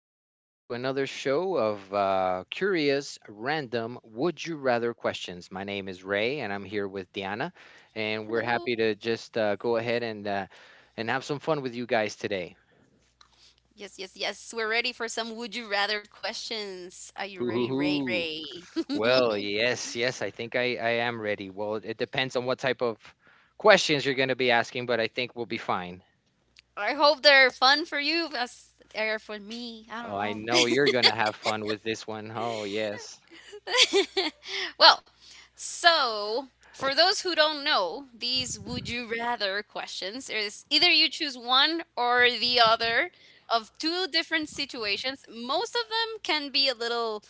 welcome to another show of curious, random, would you rather questions. My name is Ray, and I'm here with Diana, and we're Hello. happy to just go ahead and and have some fun with you guys today. Yes, yes, yes. We're ready for some would you rather questions. Are you Hoo ready, hoo Ray hoo! Ray? Well, yes, yes, I think I am ready. Well, it depends on what type of questions you're going to be asking, but I think we'll be fine. I hope they're fun for you as they are for me. I Oh, I know don't you're going to have fun with this one. Oh, yes. know. Well, so for those who don't know, these would you rather questions is either you choose one or the other of two different situations. Most of them can be a little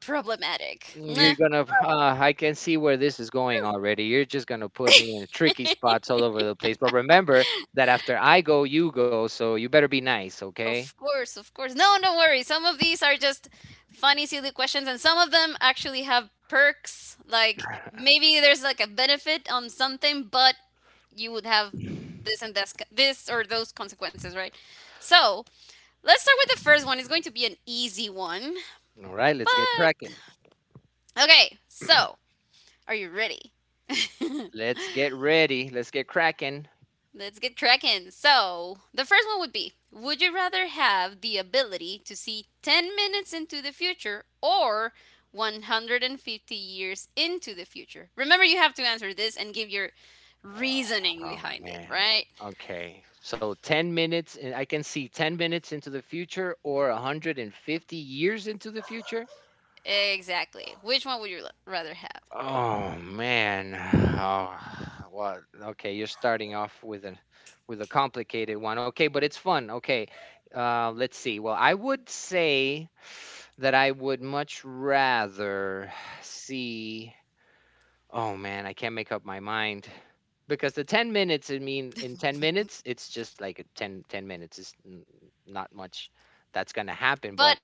problematic. You're gonna, I can see where this is going already. You're just gonna put me in tricky spots all over the place. But remember that after I go, you go, so you better be nice, okay? Of course, of course. No, don't worry. Some of these are just funny, silly questions, and some of them actually have perks. Like maybe there's like a benefit on something, but you would have this and this, this or those consequences, right? So let's start with the first one. It's going to be an easy one, All right, let's get but cracking. okay. So are you ready? Let's get ready. Let's get cracking. Let's get cracking. So, the first one would be, would you rather have the ability to see 10 minutes into the future or 150 years into the future? Remember, you have to answer this and give your reasoning Oh behind it, man. right? Okay. So 10 minutes, and I can see 10 minutes into the future or 150 years into the future. Exactly. Which one would you rather have? Oh man. Oh, well, okay, you're starting off with an with a complicated one. Okay, but it's fun. Okay. Let's see. Well, I would say that I would much rather see. Oh man, I can't make up my mind. Because the 10 minutes, I mean, in 10 minutes, it's just like a ten minutes not much that's going to happen. But But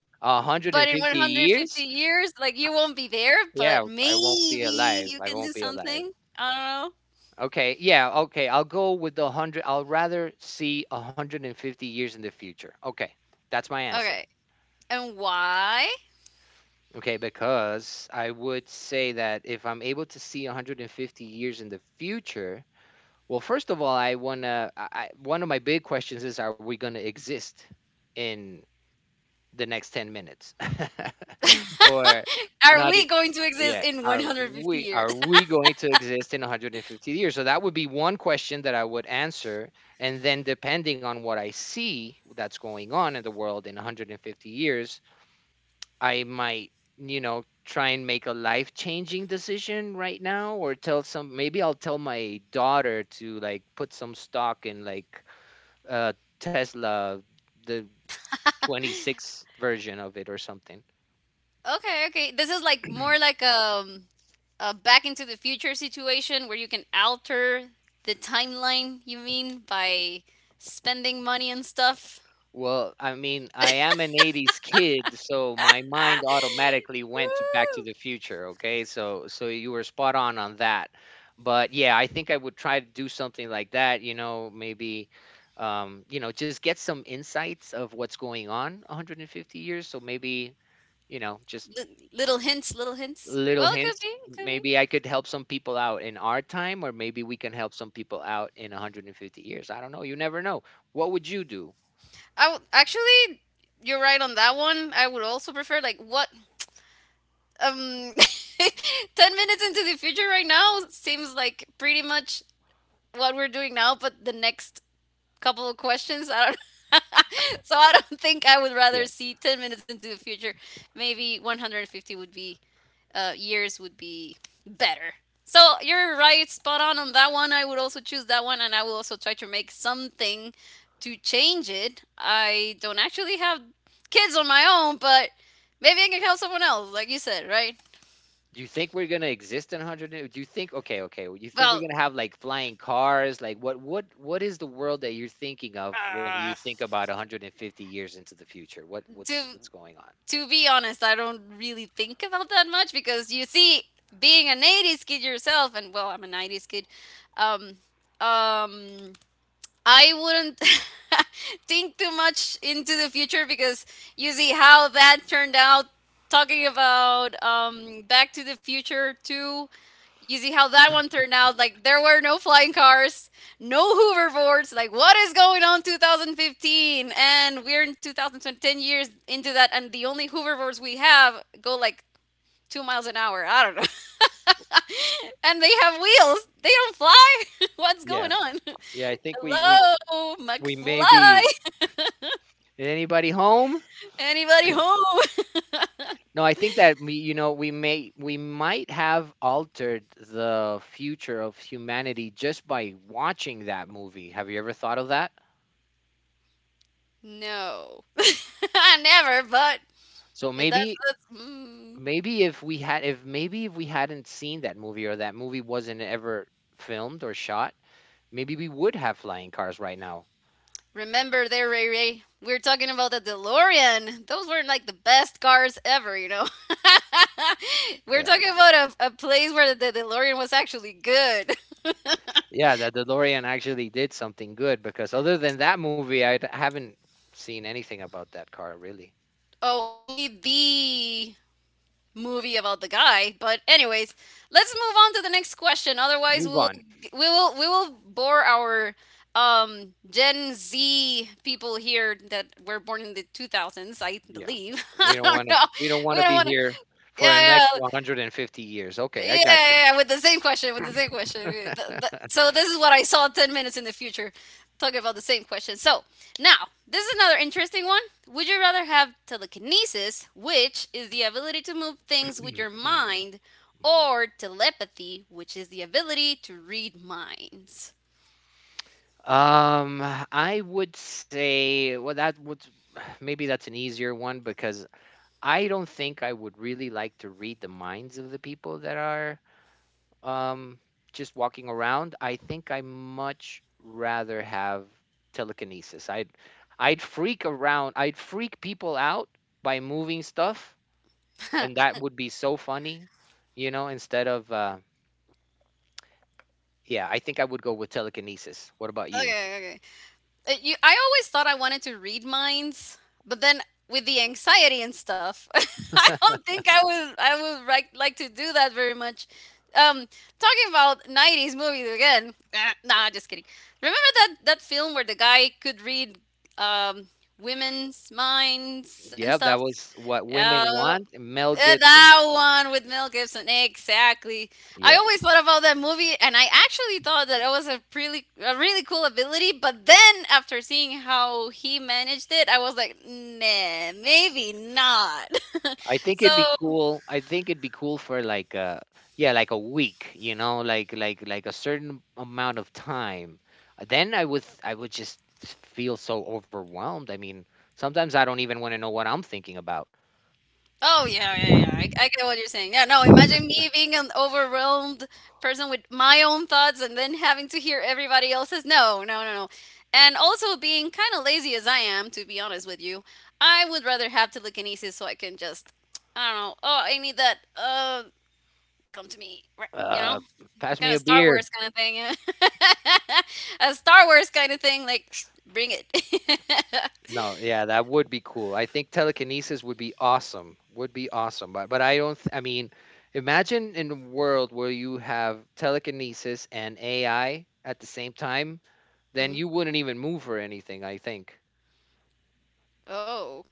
but in 150 150 years, years, like you won't be there, but yeah, I won't be maybe alive. you I can do won't be alive. something. I Okay, yeah, okay. I'll go with the 100. I'll rather see 150 years in the future. Okay, that's my don't know. answer. Okay. And why? Okay, because I would say that if I'm able to see 150 years in the future, well, first of all, I wanna. I- one of my big questions is, are we gonna exist in the next 10 minutes, or Are not? we going to exist Yeah. in Are 150 we years? are we going to exist in 150 years? So that would be one question that I would answer. And then depending on what I see that's going on in the world in 150 years, I might, you know, try and make a life-changing decision right now, or tell some maybe I'll tell my daughter to like put some stock in like uh Tesla, the 26 version of it or something. Okay, okay. This is like more like a back into the future situation where you can alter the timeline, you mean, by spending money and stuff? Well, I mean, I am an 80s kid, so my mind Ah, automatically went to Back to woo. the Future, okay? So you were spot on that. But yeah, I think I would try to do something like that, you know, maybe you know, just get some insights of what's going on 150 years, so maybe, you know, just Little hints, little hints. little Well, it could hints. be, it could be. Maybe I could help some people out in our time, or maybe we can help some people out in 150 years. I don't know. You never know. What would you do? Actually, you're right on that one. I would also prefer like what um 10 minutes into the future right now seems like pretty much what we're doing now, but the next couple of questions, I don't. So I don't think I would rather see 10 minutes into the future. Maybe 150 would be years would be better. So you're right, spot on that one. I would also choose that one, and I will also try to make something to change it. I don't actually have kids on my own, but maybe I can help someone else, like you said, right? Do you think we're gonna exist in 100 years? Do you think, okay, okay, well, you think we're Well, gonna have, like, flying cars? Like, what is the world that you're thinking of when you think about 150 years into the future? What to what's what's going on? to be honest, I don't really think about that much because you see, being an 80s kid yourself, and well, I'm a 90s kid, um, um, I wouldn't think too much into the future because you see how that turned out. Talking about Back to the Future 2, you see how that one turned out. Like, there were no flying cars, no hoverboards. Like, what is going on 2015? And we're in 2010, 10 ten years into that, and the only hoverboards we have go like 2 miles an hour. I don't know. And they have wheels, they don't fly. What's going Yeah. on? Yeah, I think we we Hello, we may be, McFly. anybody home? Anybody home? No, I think that we you know, we might have altered the future of humanity just by watching that movie. Have you ever thought of that? No. Never. So that's that's. Mm. maybe if we had if maybe if we hadn't seen that movie, or that movie wasn't ever filmed or shot, maybe we would have flying cars right now. Remember there, Ray Ray? We were talking about the DeLorean. Those weren't like the best cars ever. We're Yeah. talking about a place where the DeLorean was actually good. Yeah, the DeLorean actually did something good, because other than that movie, I haven't seen anything about that car really. Oh, only the movie about the guy. But anyways, let's move on to the next question. Otherwise, we Move on. will we will we will bore our Gen Z people here that were born in the 2000s, I Yeah. believe. I We don't don't want to know. we don't want We to don't be want to. here for the Yeah, next yeah. 150 years. Yeah, Okay, I got yeah, yeah, with the same question, with the same question. Yeah, so this is what I saw 10 minutes in the future talking about the same question. So, now, this is another interesting one. Would you rather have telekinesis, which is the ability to move things with your you. mind, or telepathy, which is the ability to read minds? Um, I would say, well, that would maybe that's an easier one, because I don't think I would really like to read the minds of the people that are um, just walking around. I think I much rather have telekinesis. I'd freak around. I'd freak people out by moving stuff, and that would be so funny, you know. Instead of yeah, I think I would go with telekinesis. What about you? Okay, I always thought I wanted to read minds, but then with the anxiety and stuff, I don't think I would like to do that very much. Um, Talking about '90s movies again. Nah, just kidding. Remember that that film where the guy could read um women's minds and Yep, that stuff? was what Yeah, women want. Mel Gibson. that one with Mel Gibson, exactly. I Yeah. always thought about that movie, and I actually thought that it was a really cool ability. But then, after seeing how he managed it, I was like, nah, maybe not. I think it'd be so cool. I think it'd be cool for like a yeah, like a week, you know, like a certain amount of time. Then I would just feel so overwhelmed. I mean, sometimes I don't even want to know what I'm thinking about. Oh, yeah, yeah, yeah. I get what you're saying. Yeah, no, imagine me being an overwhelmed person with my own thoughts and then having to hear everybody else's. No, no, no, no. And also being kind of lazy as I am, to be honest with you, I would rather have telekinesis so I can just, I don't know, oh, I need that, come to me, right? You know, Uh, Pass kind of me a Star beer. Wars kind of thing. Yeah. A Star Wars kind of thing, like, bring it. No, yeah, that would be cool. I think telekinesis would be awesome. Would be awesome. But I don't th- I mean, imagine in a world where you have telekinesis and AI at the same time, then you Mhm. wouldn't even move for anything, I think. Oh,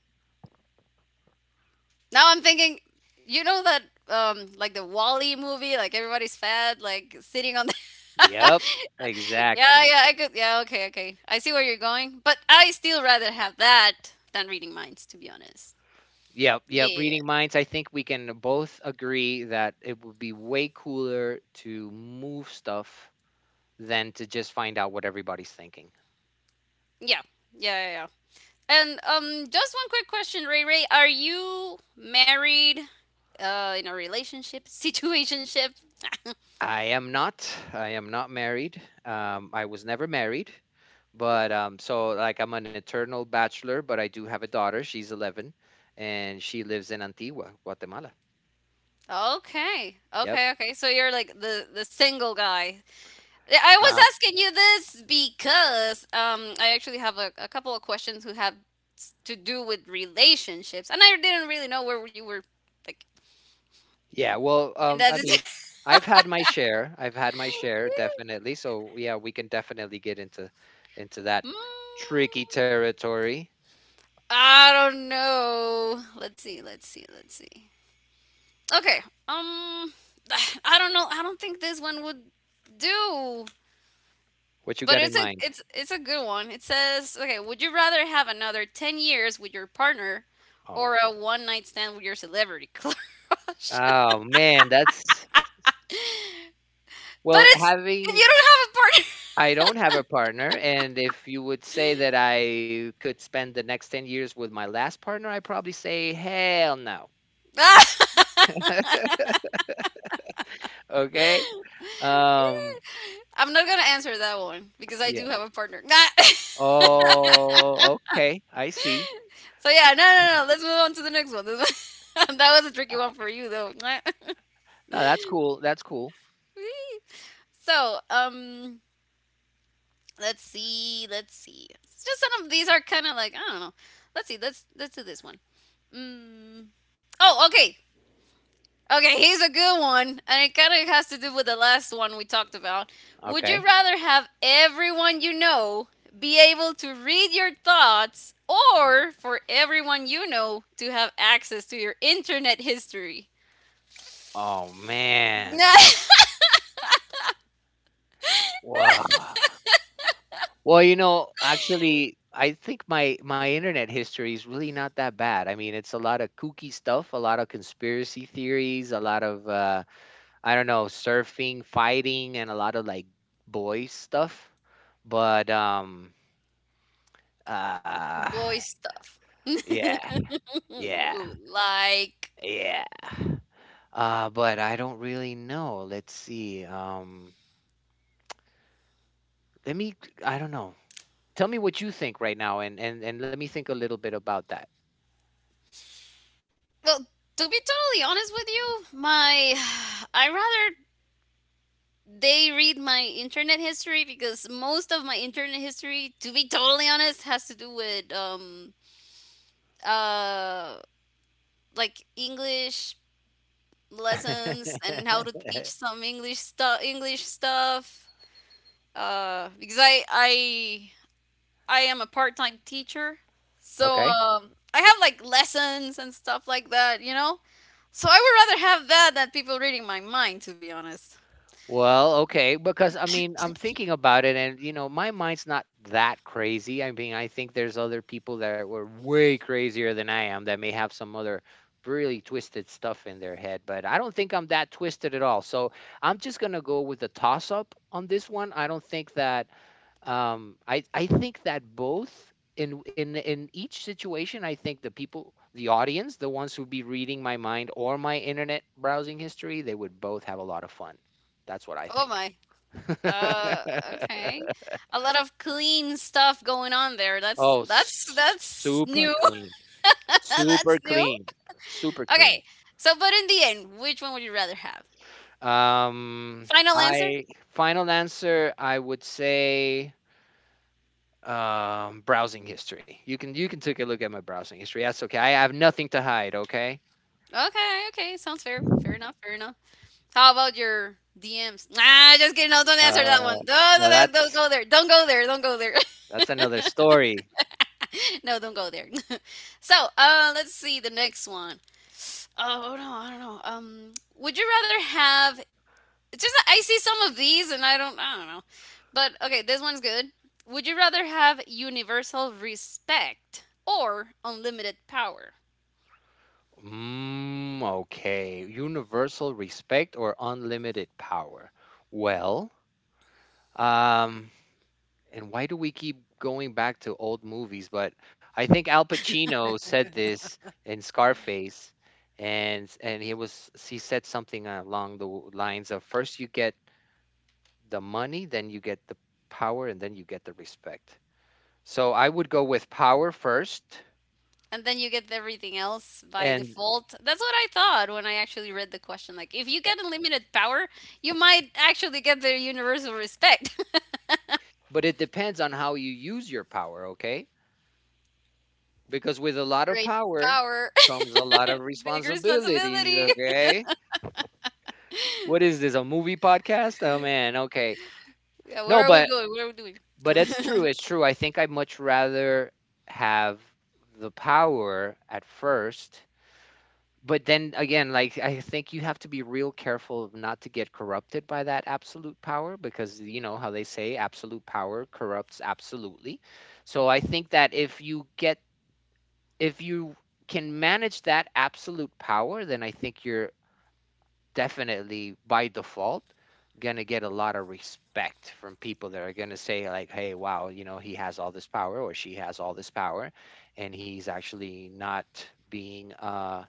now I'm thinking, you know that like the Wally movie, like everybody's fat, like sitting on the Yep, Yeah, exactly. yeah, I could, yeah, okay, okay. I see where you're going. But I still rather have that than reading minds, to be honest. Yep, yep. Yeah. Reading minds, I think we can both agree that it would be way cooler to move stuff than to just find out what everybody's thinking. Yeah. Yeah, yeah, yeah. Yeah, yeah. And just one quick question, Ray Ray. Are you married? In a relationship? Situationship? I am not. I am not married. I was never married, but so like I'm an eternal bachelor, but I do have a daughter. She's 11, and she lives in Antigua, Guatemala. Okay. Yep. Okay, okay. So you're like the single guy. Yeah, I was asking you this because I actually have a couple of questions who have to do with relationships, and I didn't really know where you were like Yeah, well, in that. I mean, I've had my share. I've had my share, definitely. So yeah, we can definitely get into that Mm, tricky territory. I don't know. Let's see. Let's see. Let's see. Okay. Um, I don't know. I don't think this one would do. What you But got in it's a mind? it's it's a good one. It says, okay, would you rather have another 10 years with your partner Oh, or a one night stand with your celebrity crush? But oh man, that's well, it's if having you don't I don't have a partner, and if you would say that I could spend the next 10 years with my last partner, I probably say hell no. have a partner. Okay? Um, I'm not gonna answer that one because I yeah. do have a partner. Oh, okay. I see. So yeah, no, no, no. Let's move on to the next one. That was a tricky one for you though. No, that's cool. That's cool. so um, let's see, let's see. It's just some of these are kind of like I don't know. Let's see. Let's do this one. Mm. Oh, okay. Okay, here's a good one. And it kind of has to do with the last one we talked about. Would Okay. you rather have everyone you know be able to read your thoughts or for everyone you know to have access to your internet history? Oh, man. Wow. Well, you know, actually, I think my internet history is really not that bad. I mean, it's a lot of kooky stuff, a lot of conspiracy theories, a lot of I don't know, surfing, fighting, and a lot of like boys stuff. But uh, Boy stuff. yeah, yeah, Ooh, like, yeah. But I don't really know. Let's see. Let me. I don't know. Tell me what you think right now, and let me think a little bit about that. well, to be totally honest with you, my. I rather they read my internet history because most of my internet history, to be totally honest, has to do with uh like English lessons and how to teach some English stuff. Because I am a part-time teacher. So Okay. I have like lessons and stuff like that, you know? So I would rather have that than people reading my mind to be honest. Well, okay, because I mean, I'm thinking about it, and you know, my mind's not that crazy. I mean, I think there's other people that were way crazier than I am that may have some other really twisted stuff in their head, but I don't think I'm that twisted at all. So I'm just gonna go with the toss up on this one. I don't think that I think that both in each situation, I think the people, the audience, the ones who'd be reading my mind or my internet browsing history, they would both have a lot of fun. That's what I Oh think. my. Uh, okay. A lot of clean stuff going on there. That's Oh, that's that's super new. clean, super That's new. clean, super clean. Okay. So, but in the end, which one would you rather have? Um Final answer? I Final answer, I would say browsing history. You can take a look at my browsing history. That's okay. I have nothing to hide. Okay. Okay, okay. Sounds fair. Fair enough. Fair enough. How about your DMs? Nah, just kidding. No, don't answer that one. Uh, No, no, Now no, don't go there. Don't go there. Don't go there. that's another story. No, don't go there. So, let's see the next one. Oh no, I don't know. Would you rather have It's just that I see some of these and I don't know. But okay, this one's good. Would you rather have universal respect or unlimited power? Mm, okay. Universal respect or unlimited power? Well, um, and why do we keep going back to old movies? But I think Al Pacino said this in Scarface, and he was he said something along the lines of first you get the money, then you get the power, and then you get the respect. So I would go with power first, And then you get everything else by and default. That's what I thought when I actually read the question. Like, if you get unlimited power, you might actually get the universal respect. but it depends on how you use your power, okay? Because with a lot of Great power power, comes a lot of big responsibilities, responsibility. okay? What is this, a movie podcast? Oh man, okay. Yeah, where No, are we but going? What are we doing? It's true, it's true. I think I'd much rather have the power at first, but then again, like I think you have to be real careful of not to get corrupted by that absolute power, because you know how they say absolute power corrupts absolutely. So I think that If you can manage that absolute power, then I think you're definitely by default gonna get a lot of respect from people that are gonna say like, "Hey, wow, you know, he has all this power, or she has all this power, and he's actually not being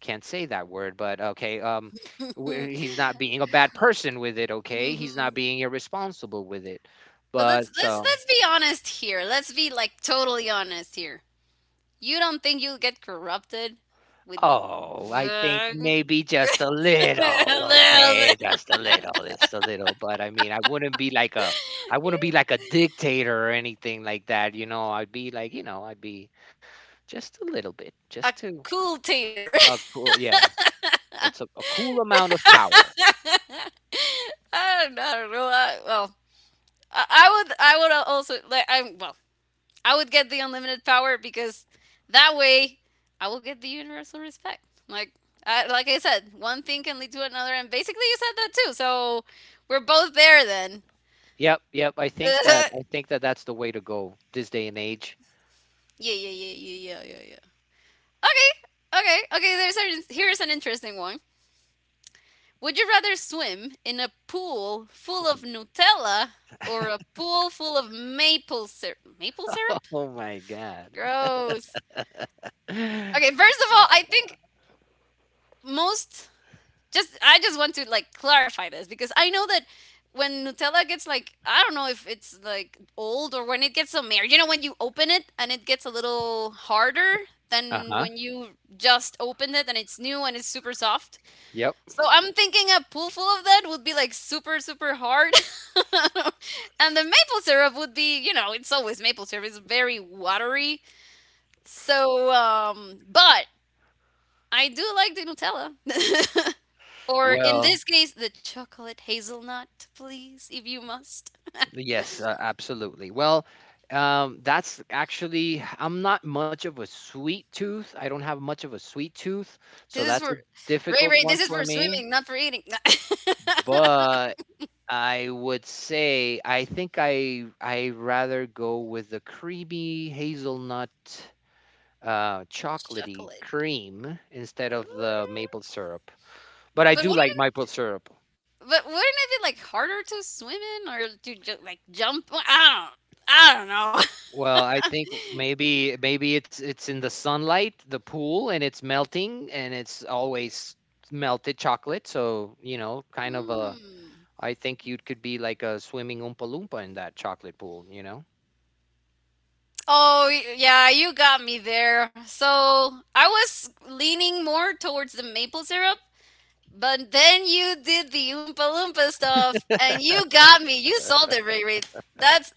can't say that word, but okay, he's not being a bad person with it. Okay, he's not Mhm. being irresponsible with it." But let's But let's let's be honest here. Let's be like totally honest here. You don't think you'll get corrupted with oh, I think the- maybe just a little, okay? Just a little, but I mean, I wouldn't be like a. I wouldn't be like a dictator or anything like that, you know? I'd be like, you know, I'd be just a little bit, just a to cool tater? a cool, yeah, a cool amount of power. I don't know. I, well, I would. I would also like. I well. I would get the unlimited power because that way I will get the universal respect. Like I said, one thing can lead to another, and basically you said that too. So we're both there then. Yep, yep. I think that Yeah, that's the way to go this day and age. yeah, yeah, yeah, yeah, yeah, yeah. Okay, okay, okay. Here's an interesting one. Would you rather swim in a pool full of Nutella or a pool full of maple syrup? Maple syrup? Oh my God. Gross. Okay, first of all, I think most, just I just want to like clarify this because I know that when Nutella gets, like, I don't know if it's like old or when it gets some air, you know, when you open it and it gets a little harder Uh-huh. than when you just opened it and it's new and it's super soft. Yep. So I'm thinking a pool full of that would be like super, super hard. And the maple syrup would be, you know, it's always maple syrup. It's very watery. So, but I do like the Nutella. Or in Well, this case, the chocolate hazelnut, please, if you must. yes, absolutely. That's actually, I'm not much of a sweet tooth. I don't have much of a sweet tooth. So This is that's a for Ray difficult Ray. one This is for for me. swimming, not for eating. But I would say, I think I rather go with the creamy hazelnut, chocolatey Chocolate. cream instead of the maple syrup. But I But do what? like maple syrup. But wouldn't it be like harder to swim in or to like jump? Well, I don't know. Well, I think maybe it's in the sunlight, the pool, and it's melting, and it's always melted chocolate. So you know, kind of a. Hmm. I think you could be like a swimming Oompa Loompa in that chocolate pool. You know, Oh, yeah, you got me there. So I was leaning more towards the maple syrup, but then you did the Oompa Loompa stuff, and you got me. You sold it, Ray Ray. That's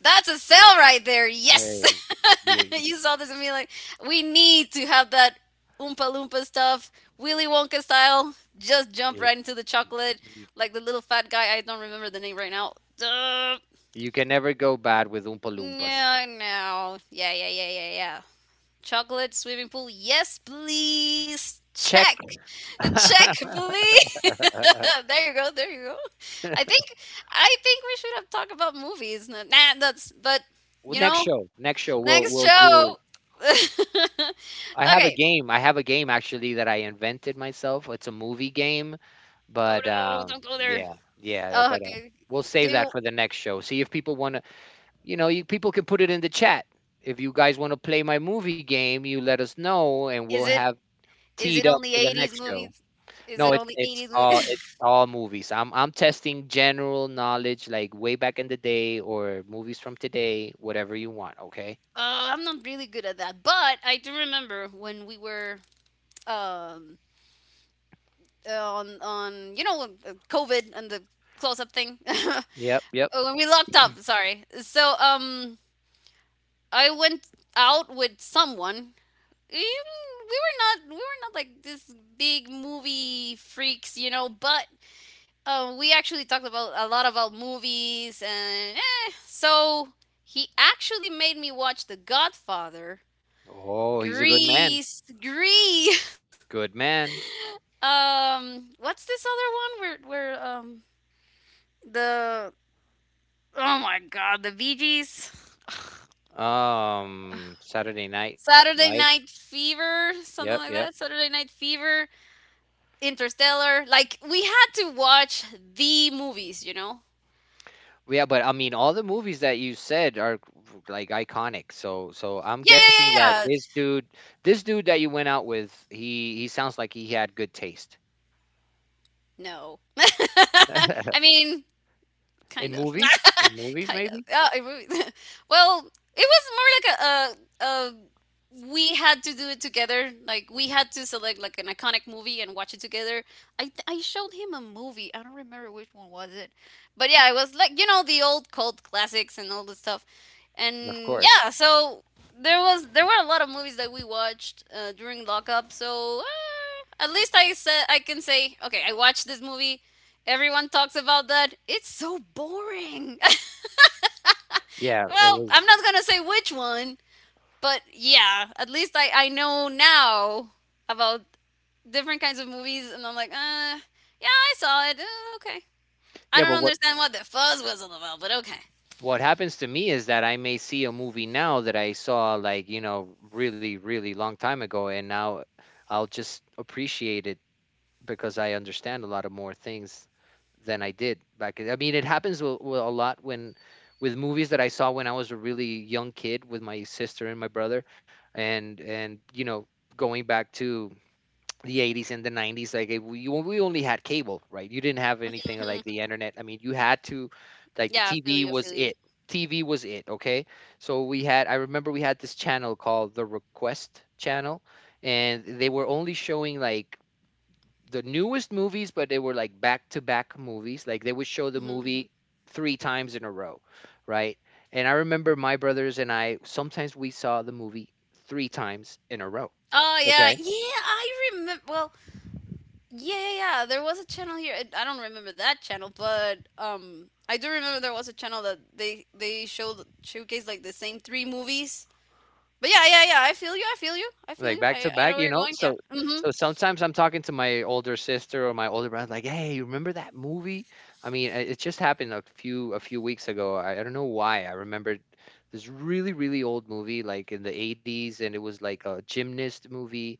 That's a sale right there. Yes. hey, yeah, You saw this and be like, we need to have that Oompa Loompa stuff, Willy Wonka style. Just jump yeah, right into the chocolate. y- Like the little fat guy, I don't remember the name right now. Duh. you can never go bad with Oompa Loompas. Yeah, no. Yeah, yeah, yeah, yeah, yeah. Chocolate, swimming pool. Yes, please. Check. Check. Check, please. There you go. There you go. I think I think we should have talked about movies. Nah, that's, but Well, you know, next show, we'll next we'll show. do. I have a Okay. game. I have a game actually that I invented myself. It's a movie game. Oh But, no! Don't go yeah, there. yeah, yeah, Oh, but, okay. we'll save that Do for the next show. See if people wanna you know, you people can put it in the chat. If you guys wanna play my movie game, you let us know, and we'll is it have is teed it up only for the eighties next show. movies? Is No, it it's only it's eighties all it's movies? all movies. I'm testing general knowledge, like, way back in the day or movies from today, whatever you want, okay? I'm not really good at that, but I do remember when we were um on COVID and the close up thing. Yep, yep. Oh, when we locked up. Sorry. So I went out with someone. We we were not we were not like this big movie freaks, but we actually talked about a lot about movies, and eh, so he actually made me watch The Godfather, Oh, he's a good man. Grease. Good man. What's this other one where the, oh my god, the Bee Gees. Saturday Night Saturday Live. Night Fever, Yep, something like yep. that. Saturday Night Fever. Interstellar. Like we had to watch the movies, you know? Yeah, but I mean, all the movies that you said are like iconic. So I'm Yeah, guessing yeah, that yeah, yeah. This dude that you went out with, he sounds like he had good taste No. I mean, in kind of. movies. In movies, Kind of. maybe. Yeah, well, it was more like a, we had to do it together. Like we had to select like an iconic movie and watch it together. I showed him a movie. I don't remember which one was it, but yeah, it was like, you know, the old cult classics and all this stuff, Of and course. yeah, so. There were a lot of movies that we watched during lockup, so at least I said, I can say, okay, I watched this movie. Everyone talks about that. It's so boring. Yeah, it Well, I'm was. not gonna say which one, but yeah, at least I know now about different kinds of movies, and I'm like, yeah, I saw it. Okay. I Yeah, don't but what understand what the fuzz was all about, but okay. what happens to me is that I may see a movie now that I saw like you know really really long time ago, and now I'll just appreciate it because I understand a lot of more things than I did back. I mean, it happens with a lot when with movies that I saw when I was a really young kid with my sister and my brother, and you know going back to the 80's and the 90's like we only had cable, right? You didn't have anything like Mhm. the internet. I mean, you had to, like, the Yeah, I feel tv you. I was feel you. it tv was it. Okay, so we had, I remember we had this channel called the Request Channel, and they were only showing like the newest movies, but they were like back to back movies. Like they would show the Hmm. movie three times in a row, right? And I remember my brothers and I sometimes we saw the movie three times in a row. Oh yeah, Okay. yeah. I remember. Well, yeah, yeah, yeah. There was a channel here. I don't remember that channel, but I do remember there was a channel that they showed showcased like the same three movies. But yeah, yeah, yeah. I feel you. I feel you. I Like feel you. back to I back, know you where you're know. going. So Yeah. Mhm. so sometimes I'm talking to my older sister or my older brother, like, "Hey, you remember that movie?" I mean, it just happened a few weeks ago. I don't know why I remembered this really really old movie, like in the '80s, and it was like a gymnast movie.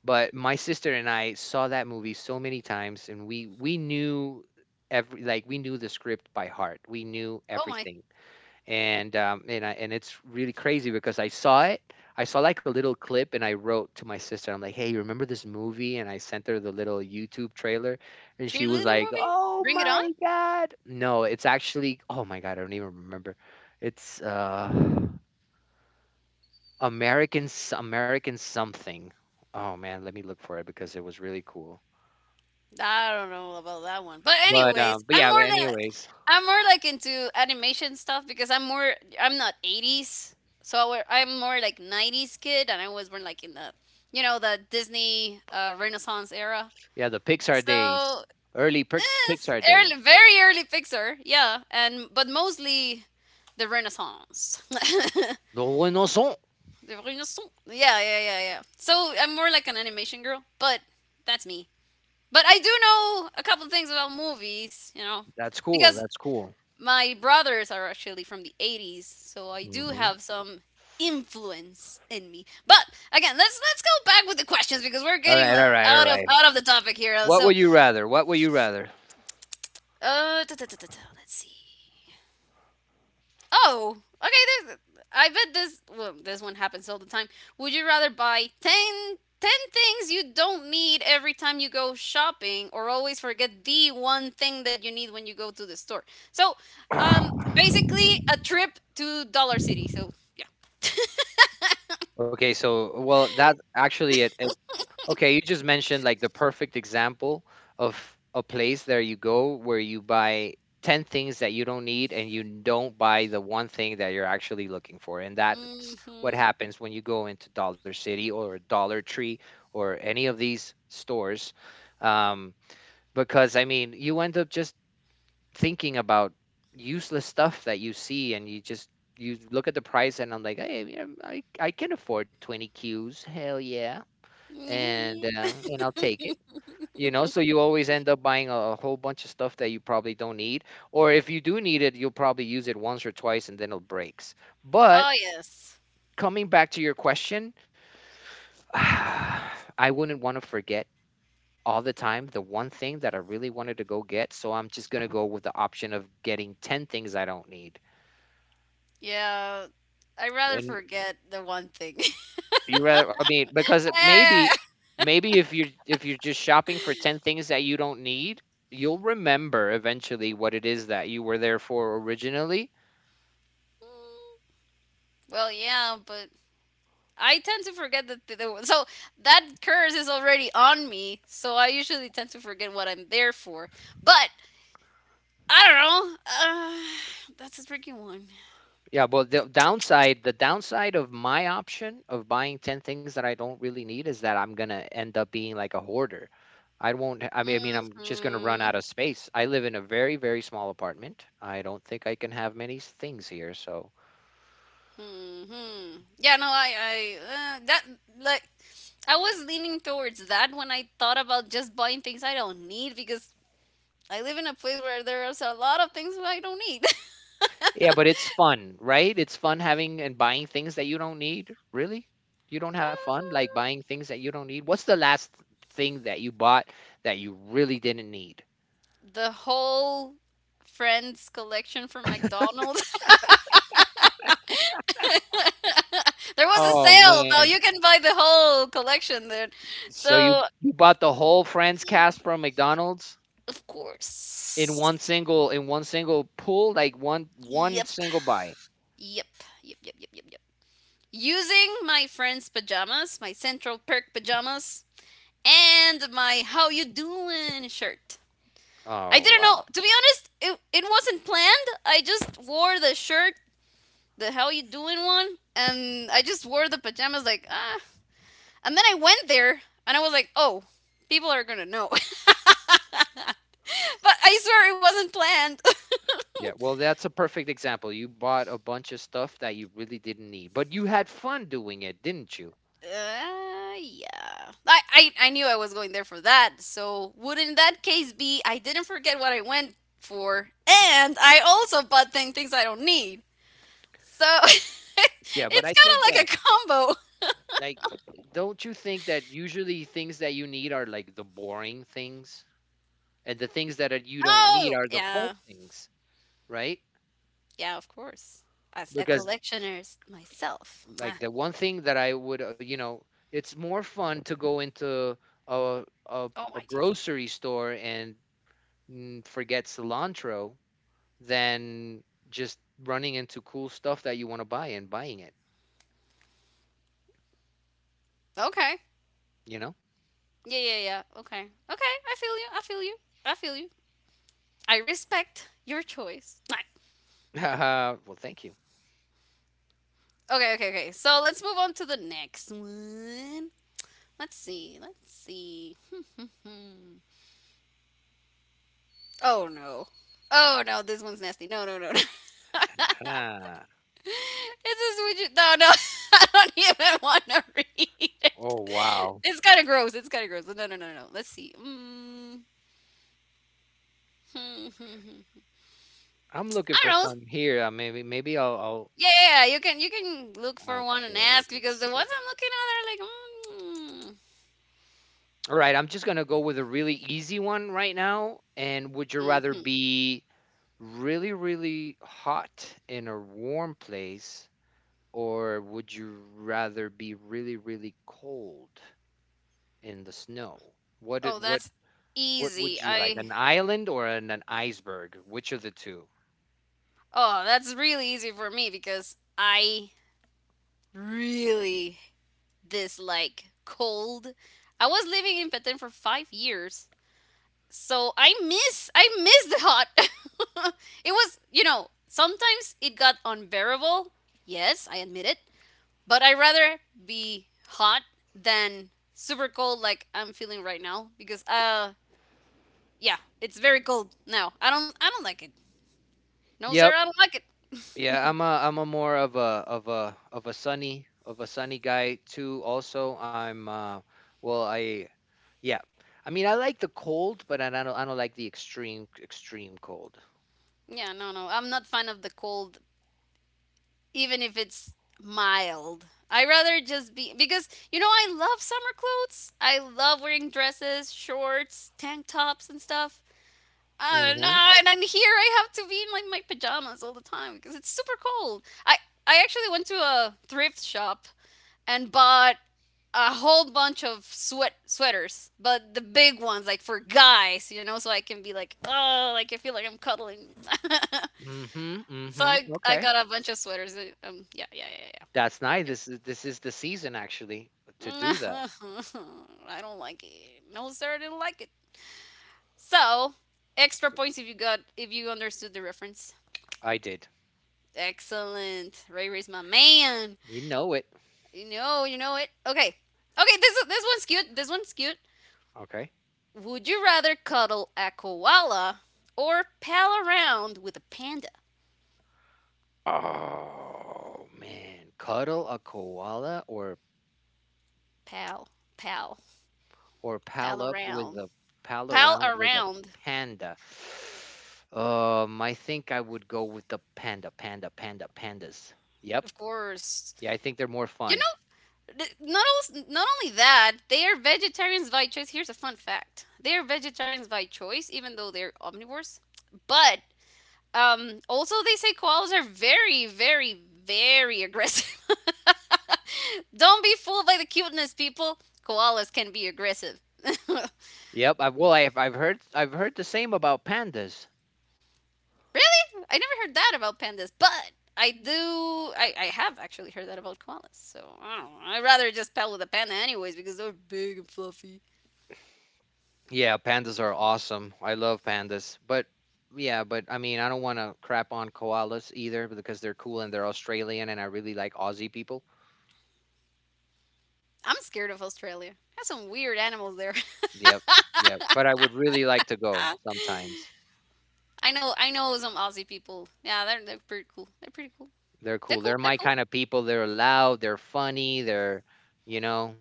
But my sister and I saw that movie so many times, and we knew every like we knew the script by heart. We knew Oh my, everything and it's really crazy because I saw it. I saw like a little clip, and I wrote to my sister. I'm like, "Hey, you remember this movie?" And I sent her the little YouTube trailer, and she was cheerleader like, movie. "Oh Bring it on. my God!" No, it's actually. Oh my God, I don't even remember. It's American American something. Oh man, let me look for it because it was really cool. I don't know about that one. But anyways, But I'm yeah. But more the anyways, I'm more like into animation stuff because I'm not 80s. So I'm more like 90s kid and I was born like in the, the Disney Renaissance era. yeah, the Pixar So days, early eh, Pixar days. early, very early Pixar, yeah, and but mostly the Renaissance. The The Renaissance. Renaissance. Yeah, yeah, yeah, yeah. So I'm more like an animation girl, but that's me. But I do know a couple things about movies, you know, That's cool. because That's cool. my brothers are actually from the 80s, so I do Mhm. have some influence in me. But again, let's go back with the questions because we're All getting right, all like right, all right. out of the topic here. What So, would you rather? What would you rather? Let's see. Oh, okay. There's, I bet this. Well, this one happens all the time. Would you rather buy 10 things you don't need every time you go shopping, or always forget the one thing that you need when you go to the store? So, basically, a trip to Dollar City. So, yeah. Okay, so well, that actually it, it okay, you just mentioned like the perfect example of a place there you go where you buy 10 things that you don't need and you don't buy the one thing that you're actually looking for. And that's what Mm-hmm. happens when you go into Dollar City or Dollar Tree or any of these stores. Um, because I mean, you end up just thinking about useless stuff that you see and you just you look at the price and I'm like, hey, yeah, I can afford 20 Qs, hell yeah, and I'll take it. You know, so you always end up buying a whole bunch of stuff that you probably don't need, or if you do need it, you'll probably use it once or twice and then it breaks. But Oh yes. coming back to your question, I wouldn't want to forget all the time the one thing that I really wanted to go get, so I'm just gonna go with the option of getting 10 things I don't need. Yeah. I rather And forget the one thing. you rather, I mean, because maybe, maybe if you're just shopping for 10 things that you don't need, you'll remember eventually what it is that you were there for originally. Well, yeah, but I tend to forget that. There, so that curse is already on me. So I usually tend to forget what I'm there for. But I don't know. That's a tricky one. Yeah, but the downside of my option of buying 10 things that I don't really need is that I'm gonna end up being like a hoarder. I won't. I mean, I'm just gonna run out Hmm. of space. I live in a very, very small apartment. I don't think I can have many things here, so Hmm. Yeah. No. I. I. That, like, I was leaning towards that when I thought about just buying things I don't need because I live in a place where there's a lot of things that I don't need. Yeah, but it's fun, right? It's fun having and buying things that you don't need. Really? You don't have fun like Uh, buying things that you don't need? What's the last thing that you bought that you really didn't need? the whole friends collection from McDonald's. There was a Oh sale, man. though. You can buy the whole collection there. So So, you bought the whole Friends y- cast from McDonald's of course. In one single pull, like one Yep. single buy. Yep. Yep. Yep. Yep. Yep. Yep. Using my friend's pajamas, my Central Perk pajamas, and my How You Doing shirt. I Oh didn't know. wow. To be honest, it wasn't planned. I just wore the shirt, the How You Doing one, and I just wore the pajamas, like, ah. And then I went there and I was like, oh, people are gonna know. But I swear it wasn't planned. Yeah, well that's a perfect example. You bought a bunch of stuff that you really didn't need, but you had fun doing it, didn't you? Yeah. I knew I was going there for that. So would in that case be I didn't forget what I went for and I also bought things I don't need. So it's Yeah, but I kind think of like that a combo. like, don't you think that usually things that you need are like the boring things, and the things that you don't need Oh, are the yeah. fun things, right? Yeah, of course. As a Because collectioner's myself. like Ah. the one thing that I would, you know, it's more fun to go into Oh my a Jesus. grocery store and forget cilantro than just running into cool stuff that you want to buy and buying it, Okay. you know? Yeah, yeah, yeah. Okay. Okay, I feel you. I feel you. I feel you. I respect your choice. Right. Well, thank you. Okay, okay, okay. So let's move on to the next one. Let's see. Let's see. Oh no. Oh no, this one's nasty. No, no, no, no. Ah, It's just, would you, no, no. I don't even wanna read it. oh wow. It's kinda gross. It's kinda gross. But no, no, no, no. Let's see. Mm. I I'm looking for don't know. some here. Maybe Yeah, yeah, yeah, you can, you can look for I'll one and okay, ask because let's the ones see. I'm looking at are like, All right, I'm just gonna go with a really easy one right now. And would you mm. rather Hmm. be really, really hot in a warm place, or would you rather be really, really cold in the snow? What did Oh, that's what would easy. you like? I, An island or an iceberg? Which of the two? oh, that's really easy for me because I really dislike cold. I was living in Petén for 5 years, so I miss the hot. It was, you know, sometimes it got unbearable. Yes, I admit it. But I'd rather be hot than super cold like I'm feeling right now because, uh, yeah, it's very cold now. I don't like it. No, Yeah, sir, I don't like yeah, it. I'm a more of a sunny guy too. Also, I'm well I yeah. I mean I like the cold, but I don't like the extreme cold. Yeah, no, no. I'm not fan of the cold even if it's mild. I rather just be because, you know, I love summer clothes. I love wearing dresses, shorts, tank tops and stuff. Oh Hmm no! And I'm here. I have to be in like my pajamas all the time because it's super cold. I actually went to a thrift shop and bought a whole bunch of sweaters, but the big ones like for guys, you know, so I can be like, oh, like I feel like I'm cuddling. hmm So hmm. I Okay. got a bunch of sweaters. Yeah, yeah, That's nice. yeah, This is the season actually to do yeah. Yep. that. I don't like it. No, sir, I didn't like it. So extra points if you got, if you understood the reference. I did. Excellent. Ray Ray's my man. You know it. You know it. Okay. Okay, this one's cute. This one's cute. Okay. Would you rather cuddle a koala or pal around with a panda? Oh man. Cuddle a koala or Pal, pal, pal pal up with around. a pal Pal around with a around. panda. I think I would go with the panda, panda, panda, pandas. Yep. Of course. Yeah, I think they're more You fun. know, not only that, they are vegetarians by choice. Here's a fun fact. They are vegetarians by choice even though they're omnivores. But also, they say koalas are very, very, very aggressive. Don't be fooled by the cuteness, people. Koalas can be aggressive. Really? Yep. I, well, I've heard the same about pandas. I never heard that about pandas, but I do. I have actually heard that about koalas. So I don't know. I'd rather just pet with a panda, anyways, because they're big and fluffy. Yeah, pandas are awesome. I love pandas. But yeah, but I mean, I don't want to crap on koalas either because they're cool and they're Australian and I really like Aussie people. I'm scared of Australia. Has some weird animals there. Yep. Yep. But I would really like to go sometimes. I know. I know some Aussie people. Yeah, they're pretty cool. They're pretty cool. They're They're cool. cool. They're They're my cool. kind of people. They're loud. They're funny. They're, you know,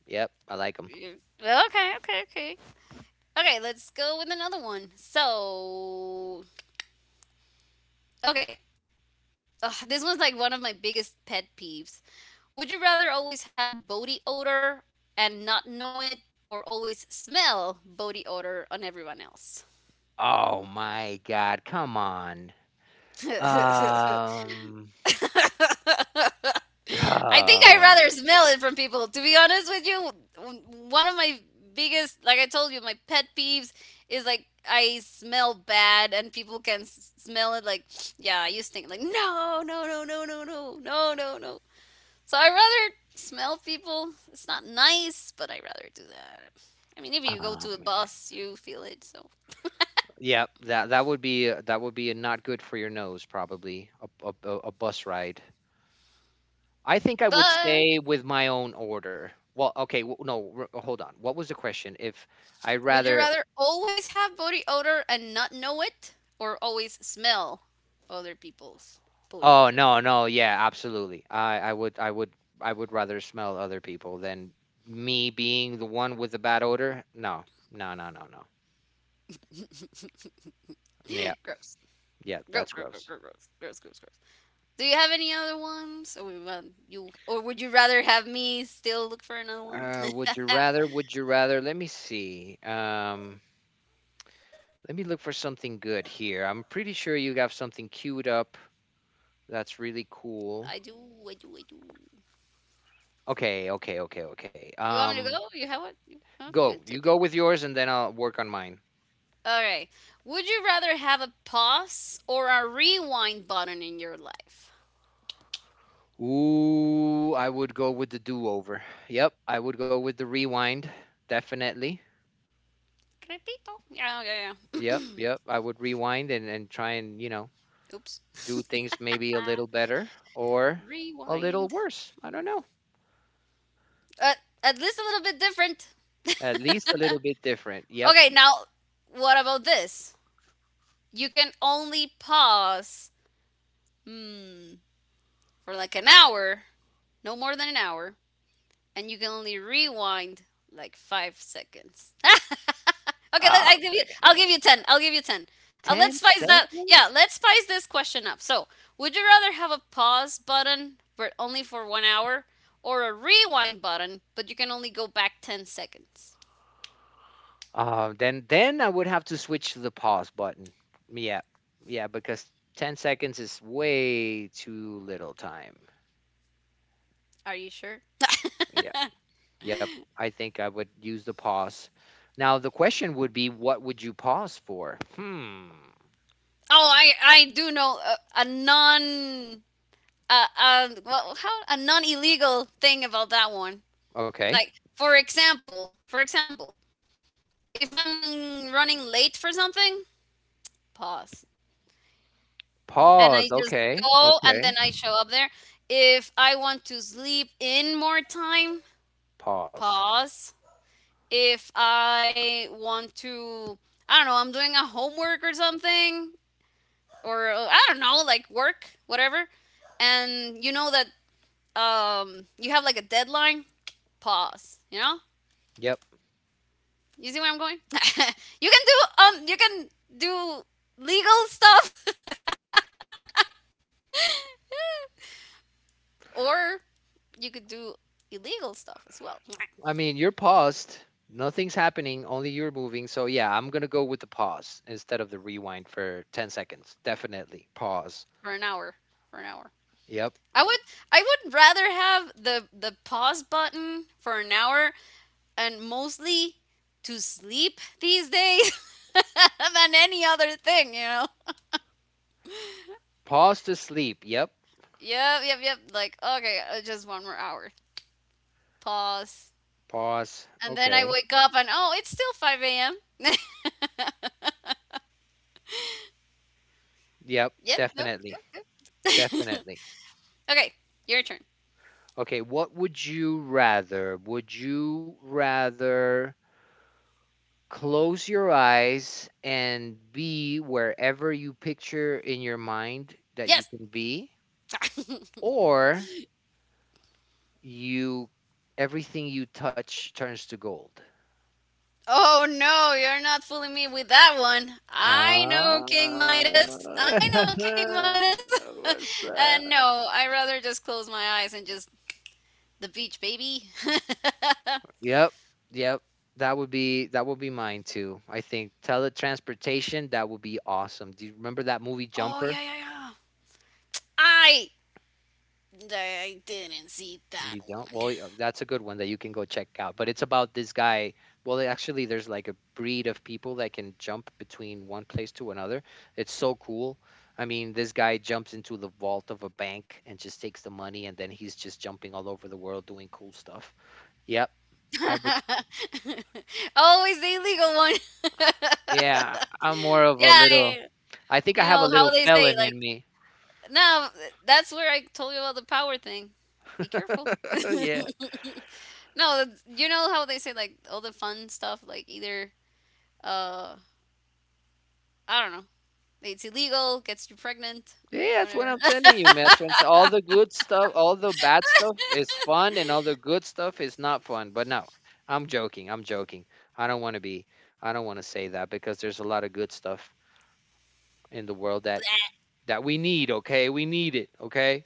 yep, I like them. Yeah. Well, okay. Okay. Okay. Okay, let's go with another one. So, okay. Ugh, this one's like one of my biggest pet peeves. Would you rather always have body odor and not know it, or always smell body odor on everyone else? Oh my God, come on. Um, I think I oh, rather smell it from people. To be honest with you, one of my biggest, like I told you, my pet peeves is like I smell bad and people can smell it. Like, yeah, I used to think like, no, no, no, no, no, no, no, no, no. So I rather smell people. It's not nice, but I rather do that. I mean, if you go oh, to a man. bus, you feel it. So, Yep, that that would be that would be a not good for your nose probably a bus ride. I think I would but stay with my own order. Well, okay, no, hold on. What was the question? If I would you rather rather always have body odor and not know it, or always smell other people's body Oh, odor? no, no, yeah, absolutely. I would rather smell other people than me being the one with the bad odor. No. No, no, no, no. Yeah. Gross. Yeah, Gross, that's gross, gross, gross. gross, gross, gross, gross. Do you have any other ones, or we want you, or would you rather have me still look for another one? Would you rather? Would you rather? Let me see. Let me look for something good here. I'm pretty sure you have something queued up that's really I cool. do, I do, I do. Okay, okay, okay, okay. You want me to go? You have what? You, oh, Go. good, You good, good. go with yours and then I'll work on mine. All right. Would you rather have a pause or a rewind button in your life? Ooh, I would go with the do-over. Yep, I would go with the rewind, definitely. Repito. Yeah, yeah, yeah. Yep, yep. I would rewind and try you know, Oops. do things maybe a little better or a little Rewind. worse. I don't know. Uh, at least a little bit different. At least a little bit different. Yep. Okay, now what about this? You can only pause. Hmm. For like an hour, no more than an hour, and you can only rewind like 5 seconds. Okay, let, I Oh give you. I'll man. give you ten. I'll give you ten. Let's Ten spice that. Yeah, seconds? let's spice this question up. So, would you rather have a pause button but only for 1 hour, or a rewind button but you can only go back 10 seconds? Then I would have to switch to the pause button. Yeah. Yeah, because 10 seconds is way too little time. Are you sure? Yeah. Yep, I think I would use the pause. Now the question would be, what would you pause for? Hmm. Oh, I do know a non well, how a non illegal thing about that one. Okay. Mm. Like, for example, if I'm running late for something, pause. And I Pause. just Okay. go and Okay. then I show up there. If I want to sleep in more time, Pause. pause. If I want to, I don't know, I'm doing a homework or something, or I don't know, like work, whatever. And you know that you have like a deadline, pause, you know? Yep. You see where I'm going? You can do you can do legal stuff, or you could do illegal stuff as well. I mean, you're paused. Nothing's happening. Only you're moving. So yeah, I'm gonna go with the pause instead of the rewind for 10 seconds. Definitely pause. For an hour, for an hour, Yep. i would I would rather have the pause button for an hour, and mostly to sleep these days than any other thing, Pause to sleep. Yep. yep, yep, yep. Like okay, just one more hour pause Pause. and then I Okay. wake up and oh it's still 5 a.m. Yep. Yep. Yep. Definitely. Yep. Yep. Definitely. Okay, your turn. Okay, what would you rather? Would you rather close your eyes and be wherever you picture in your mind that you Yes. can be, or you everything you touch turns to gold? Oh no, you're not fooling me with that one. I know King Ah, Midas. I know King Midas. what's uh, that? no, I rather just close my eyes and just the beach, baby. Yep. Yep, that would be, that would be mine too. I think teletransportation, that would be awesome. Do you remember that movie Oh Jumper? yeah, yeah, yeah. I I didn't see that You don't? one. Well, yeah, that's a good one that you can go check out. But it's about this guy. Well, actually, there's like a breed of people that can jump between one place to another. It's so cool. I mean, this guy jumps into the vault of a bank and just takes the money, and then he's just jumping all over the world doing cool stuff. Yep. I would, Always the illegal one. yeah, I'm more of a Yeah, little, I think I you have a know how little they say felon in like, me. no, that's where I told you about the power thing. Be careful. Yeah. No, that's- you know how they say like all the fun stuff, like either uh, I don't know, it's illegal, gets you pregnant, Yeah, that's what whatever. I'm telling you, man. That's what I'm t- All the good stuff, all the bad stuff is fun, and all the good stuff is not fun. But no, I'm joking. I'm joking. I don't want to be. I don't want to say that, because there's a lot of good stuff in the world that we need. Okay, we need it. Okay,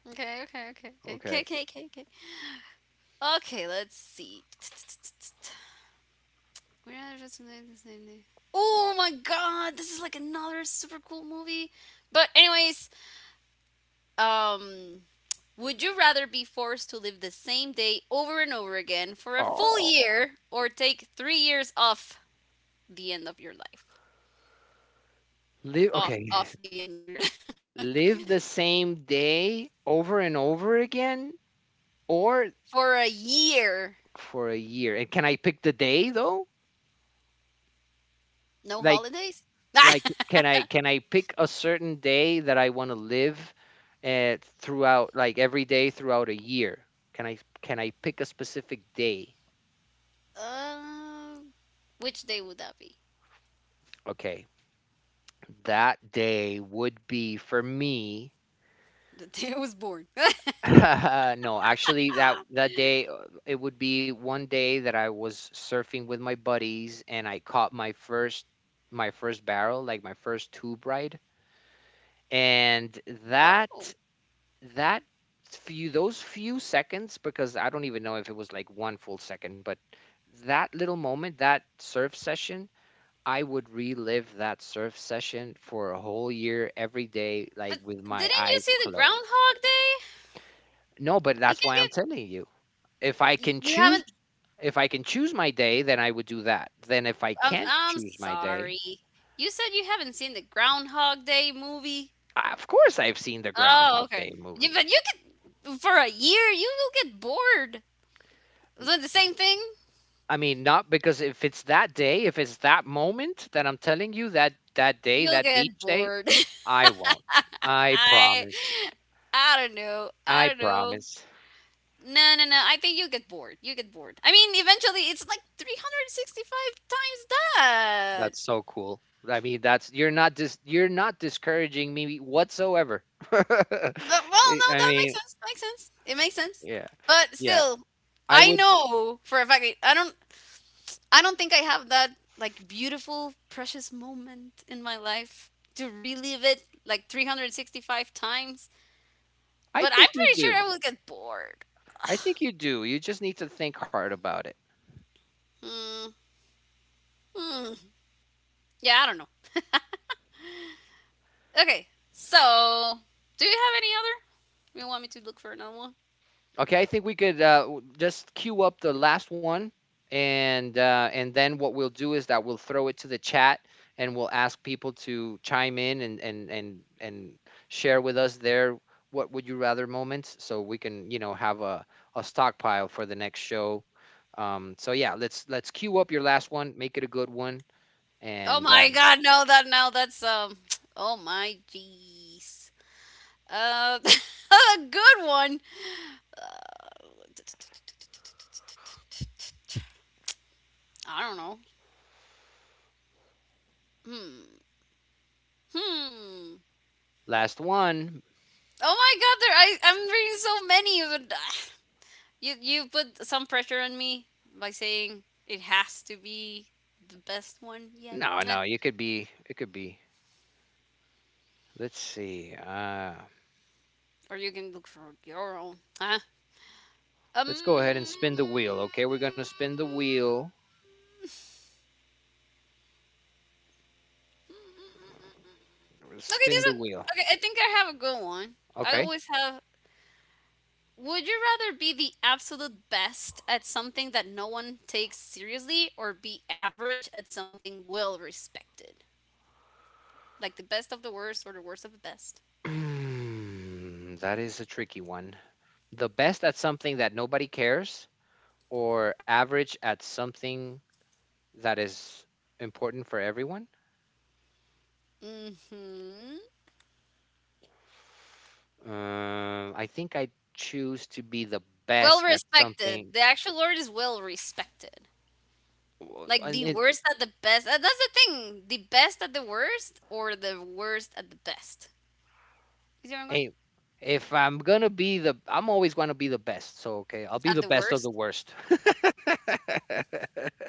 Okay, okay, okay, okay, okay, okay. okay, okay, okay. Okay, let's see. We're not just made the same day. Oh my god, this is like another super cool movie. But anyways, um, would you rather be forced to live the same day over and over again for a full Oh, year, or take 3 years off the end of your life? live. Off, Okay, off the end of your life. live the same day over and over again, or For a year. for a year. And can I pick the day though? No Like. holidays? Like, can I, can I pick a certain day that I want to live throughout, like every day throughout a year? Can I, can I pick a specific day? um, which day would that be? Okay, that day would be for me. The day I was born. No, actually, that day, it would be one day that I was surfing with my buddies and I caught my first, my first barrel, like my first tube ride, and that Oh. That few, those few seconds, because I don't even know if it was like 1 full second, but that little moment, that surf session, I would relive that surf session for a whole year every day, like But with my didn't you eyes see the closed. Groundhog Day? No, but You that's can why I'm get. telling you. If I can You choose, haven't. if I can choose my day, then I would do that. Then if I I'm, can't I'm choose my day, sorry. You said you haven't seen the Groundhog Day movie? I, of course I've seen the Oh, Groundhog okay. Day You, movie. but you could, for a year, you will get bored. Is it the same thing? I mean, not because if it's that day, if it's that moment that I'm telling you, that that day, You'll that get beach day, bored. I won't. I I promise. I don't know. I I don't know. promise. No, no, no. I think you get bored. You get bored. I mean, eventually, it's like 365 times that. That's so cool. I mean, that's, you're not discouraging me whatsoever. I But, well, no, I that makes mean, sense. Makes sense. It makes sense. yeah. But Yeah. still, I I would, know for a fact. I don't. I don't think I have that like beautiful, precious moment in my life to relive it like 365 times, I but I'm think you pretty sure do. I will get bored. I think you do. You just need to think hard about it. Hmm. Hmm. Yeah, I don't know. Okay, so do you have any other? You want me to look for another one? Okay, I think we could just queue up the last one, and then what we'll do is that we'll throw it to the chat, and we'll ask people to chime in and and share with us their what would you rather moments, so we can, you know, have a stockpile for the next show. So yeah, let's queue up your last one, make it a good one, Oh and my god, no, that now that's oh my jeez. A good one. I don't know. Hmm. Hmm. last one. Oh my god, there I'm reading so many, but you put some pressure on me by saying it has to be the best one yet. No, Meh. no, you could be, it could be. Let's see. Or you can look for your own. Huh? Let's go ahead and Um spin the wheel, okay? We're gonna spin the wheel. Okay, Spin this the is wheel. okay, I think I have a good one. I Okay. always have, would you rather be the absolute best at something that no one takes seriously, or be average at something well respected? Like the best of the worst or the worst of the best? That is a tricky one. The best at something that nobody cares, or average at something that is important for everyone? Mm-hmm. I think I choose to be the Well best at something. respected. The actual word is well respected. Like And the it, worst at the best. That's the thing. The best at the worst or the worst at the best. You see where I'm going? hey, if I'm gonna be the, I'm always gonna be the best. So okay, I'll be At the the best of the worst. worst.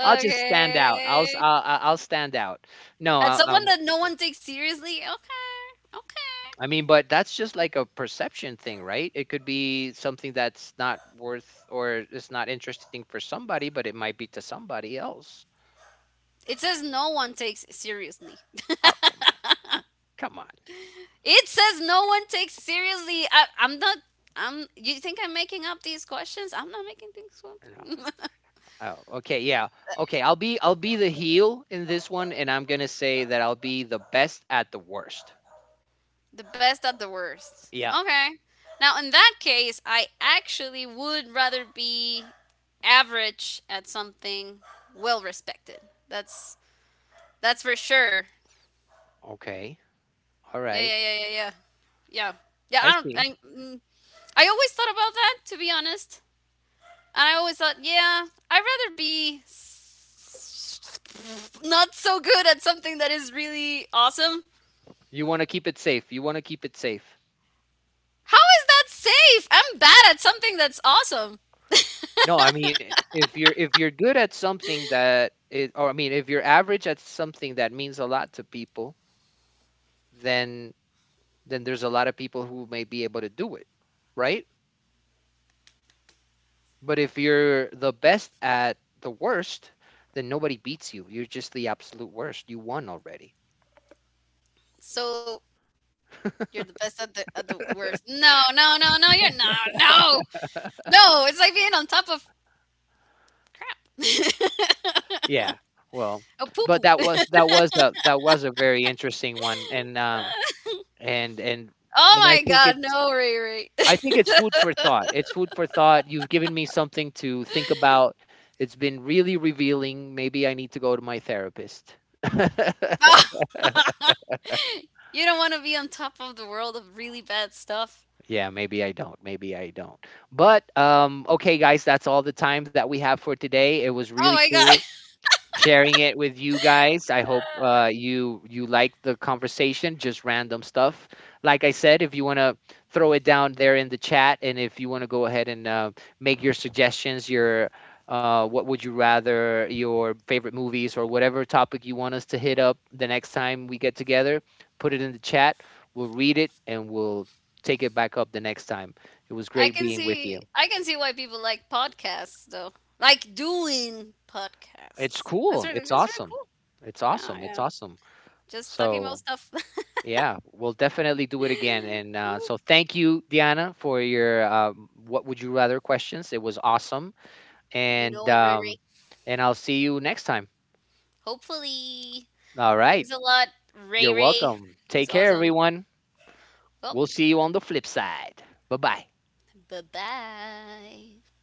I'll just stand out. I'll s- I'll I'll I'll stand out. No, At someone that no one takes seriously. Okay. Okay. I mean, but that's just like a perception thing, right? It could be something that's not worth, or it's not interesting for somebody, but it might be to somebody else. It says no one takes seriously. Oh, come on, come on. It says no one takes seriously. I'm not. I'm. You think I'm making up these questions? I'm not making things No. up. Oh, okay, yeah. Okay, I'll be, I'll be the heel in this one, and I'm gonna say that I'll be the best at the worst. The best at the worst. Yeah. Okay. Now, in that case, I actually would rather be average at something well respected. That's that's for sure. Okay. All Yeah, right. yeah, yeah, yeah, yeah. Yeah. Yeah, I I don't I, see. mm, I always thought about that, to be honest. And I always thought, yeah, I'd rather be not so good at something that is really awesome. You want to keep it safe. You want to keep it safe. How is that safe? I'm bad at something that's awesome. No, I mean, if you're, if you're good at something that is, or I mean, if you're average at something that means a lot to people, then then there's a lot of people who may be able to do it, right? But if you're the best at the worst, then nobody beats you. You're just the absolute worst. You won already. So you're the best at the worst. No, no, no, no, you're not. No, no. It's like being on top of crap. Yeah. Well, A poo but poo. that was that was a that was a very interesting one, and and and Oh and I my think god, it's, no, Ray Ray. I think it's food for thought. It's food for thought. You've given me something to think about. It's been really revealing. Maybe I need to go to my therapist. You don't want to be on top of the world of really bad stuff. Yeah, maybe I don't. Maybe I don't. But okay guys, that's all the time that we have for today. It was Oh really my god. cool sharing it with you guys. I hope you you like the conversation, just random stuff. Like I said, if you want to throw it down there in the chat, and if you want to go ahead and make your suggestions, your what would you rather, your favorite movies, or whatever topic you want us to hit up the next time we get together, put it in the chat. We'll read it and we'll take it back up the next time. It was I great can being with see, you. I can see why people like podcasts though. Like doing It's podcasts. Cool. It's That's really awesome. cool. It's Yeah, awesome. It's yeah. awesome. Just talking about So stuff. yeah, we'll definitely do it again. And Ooh, so thank you, Diana, for your what would you rather questions. It was awesome. you And know it, Ray um, Ray. and I'll see you next time. Hopefully All right. thanks a lot, You're Ray Ray. welcome. It Take was care, awesome. everyone. Well, We'll see you on the flip side. Bye bye. bye bye.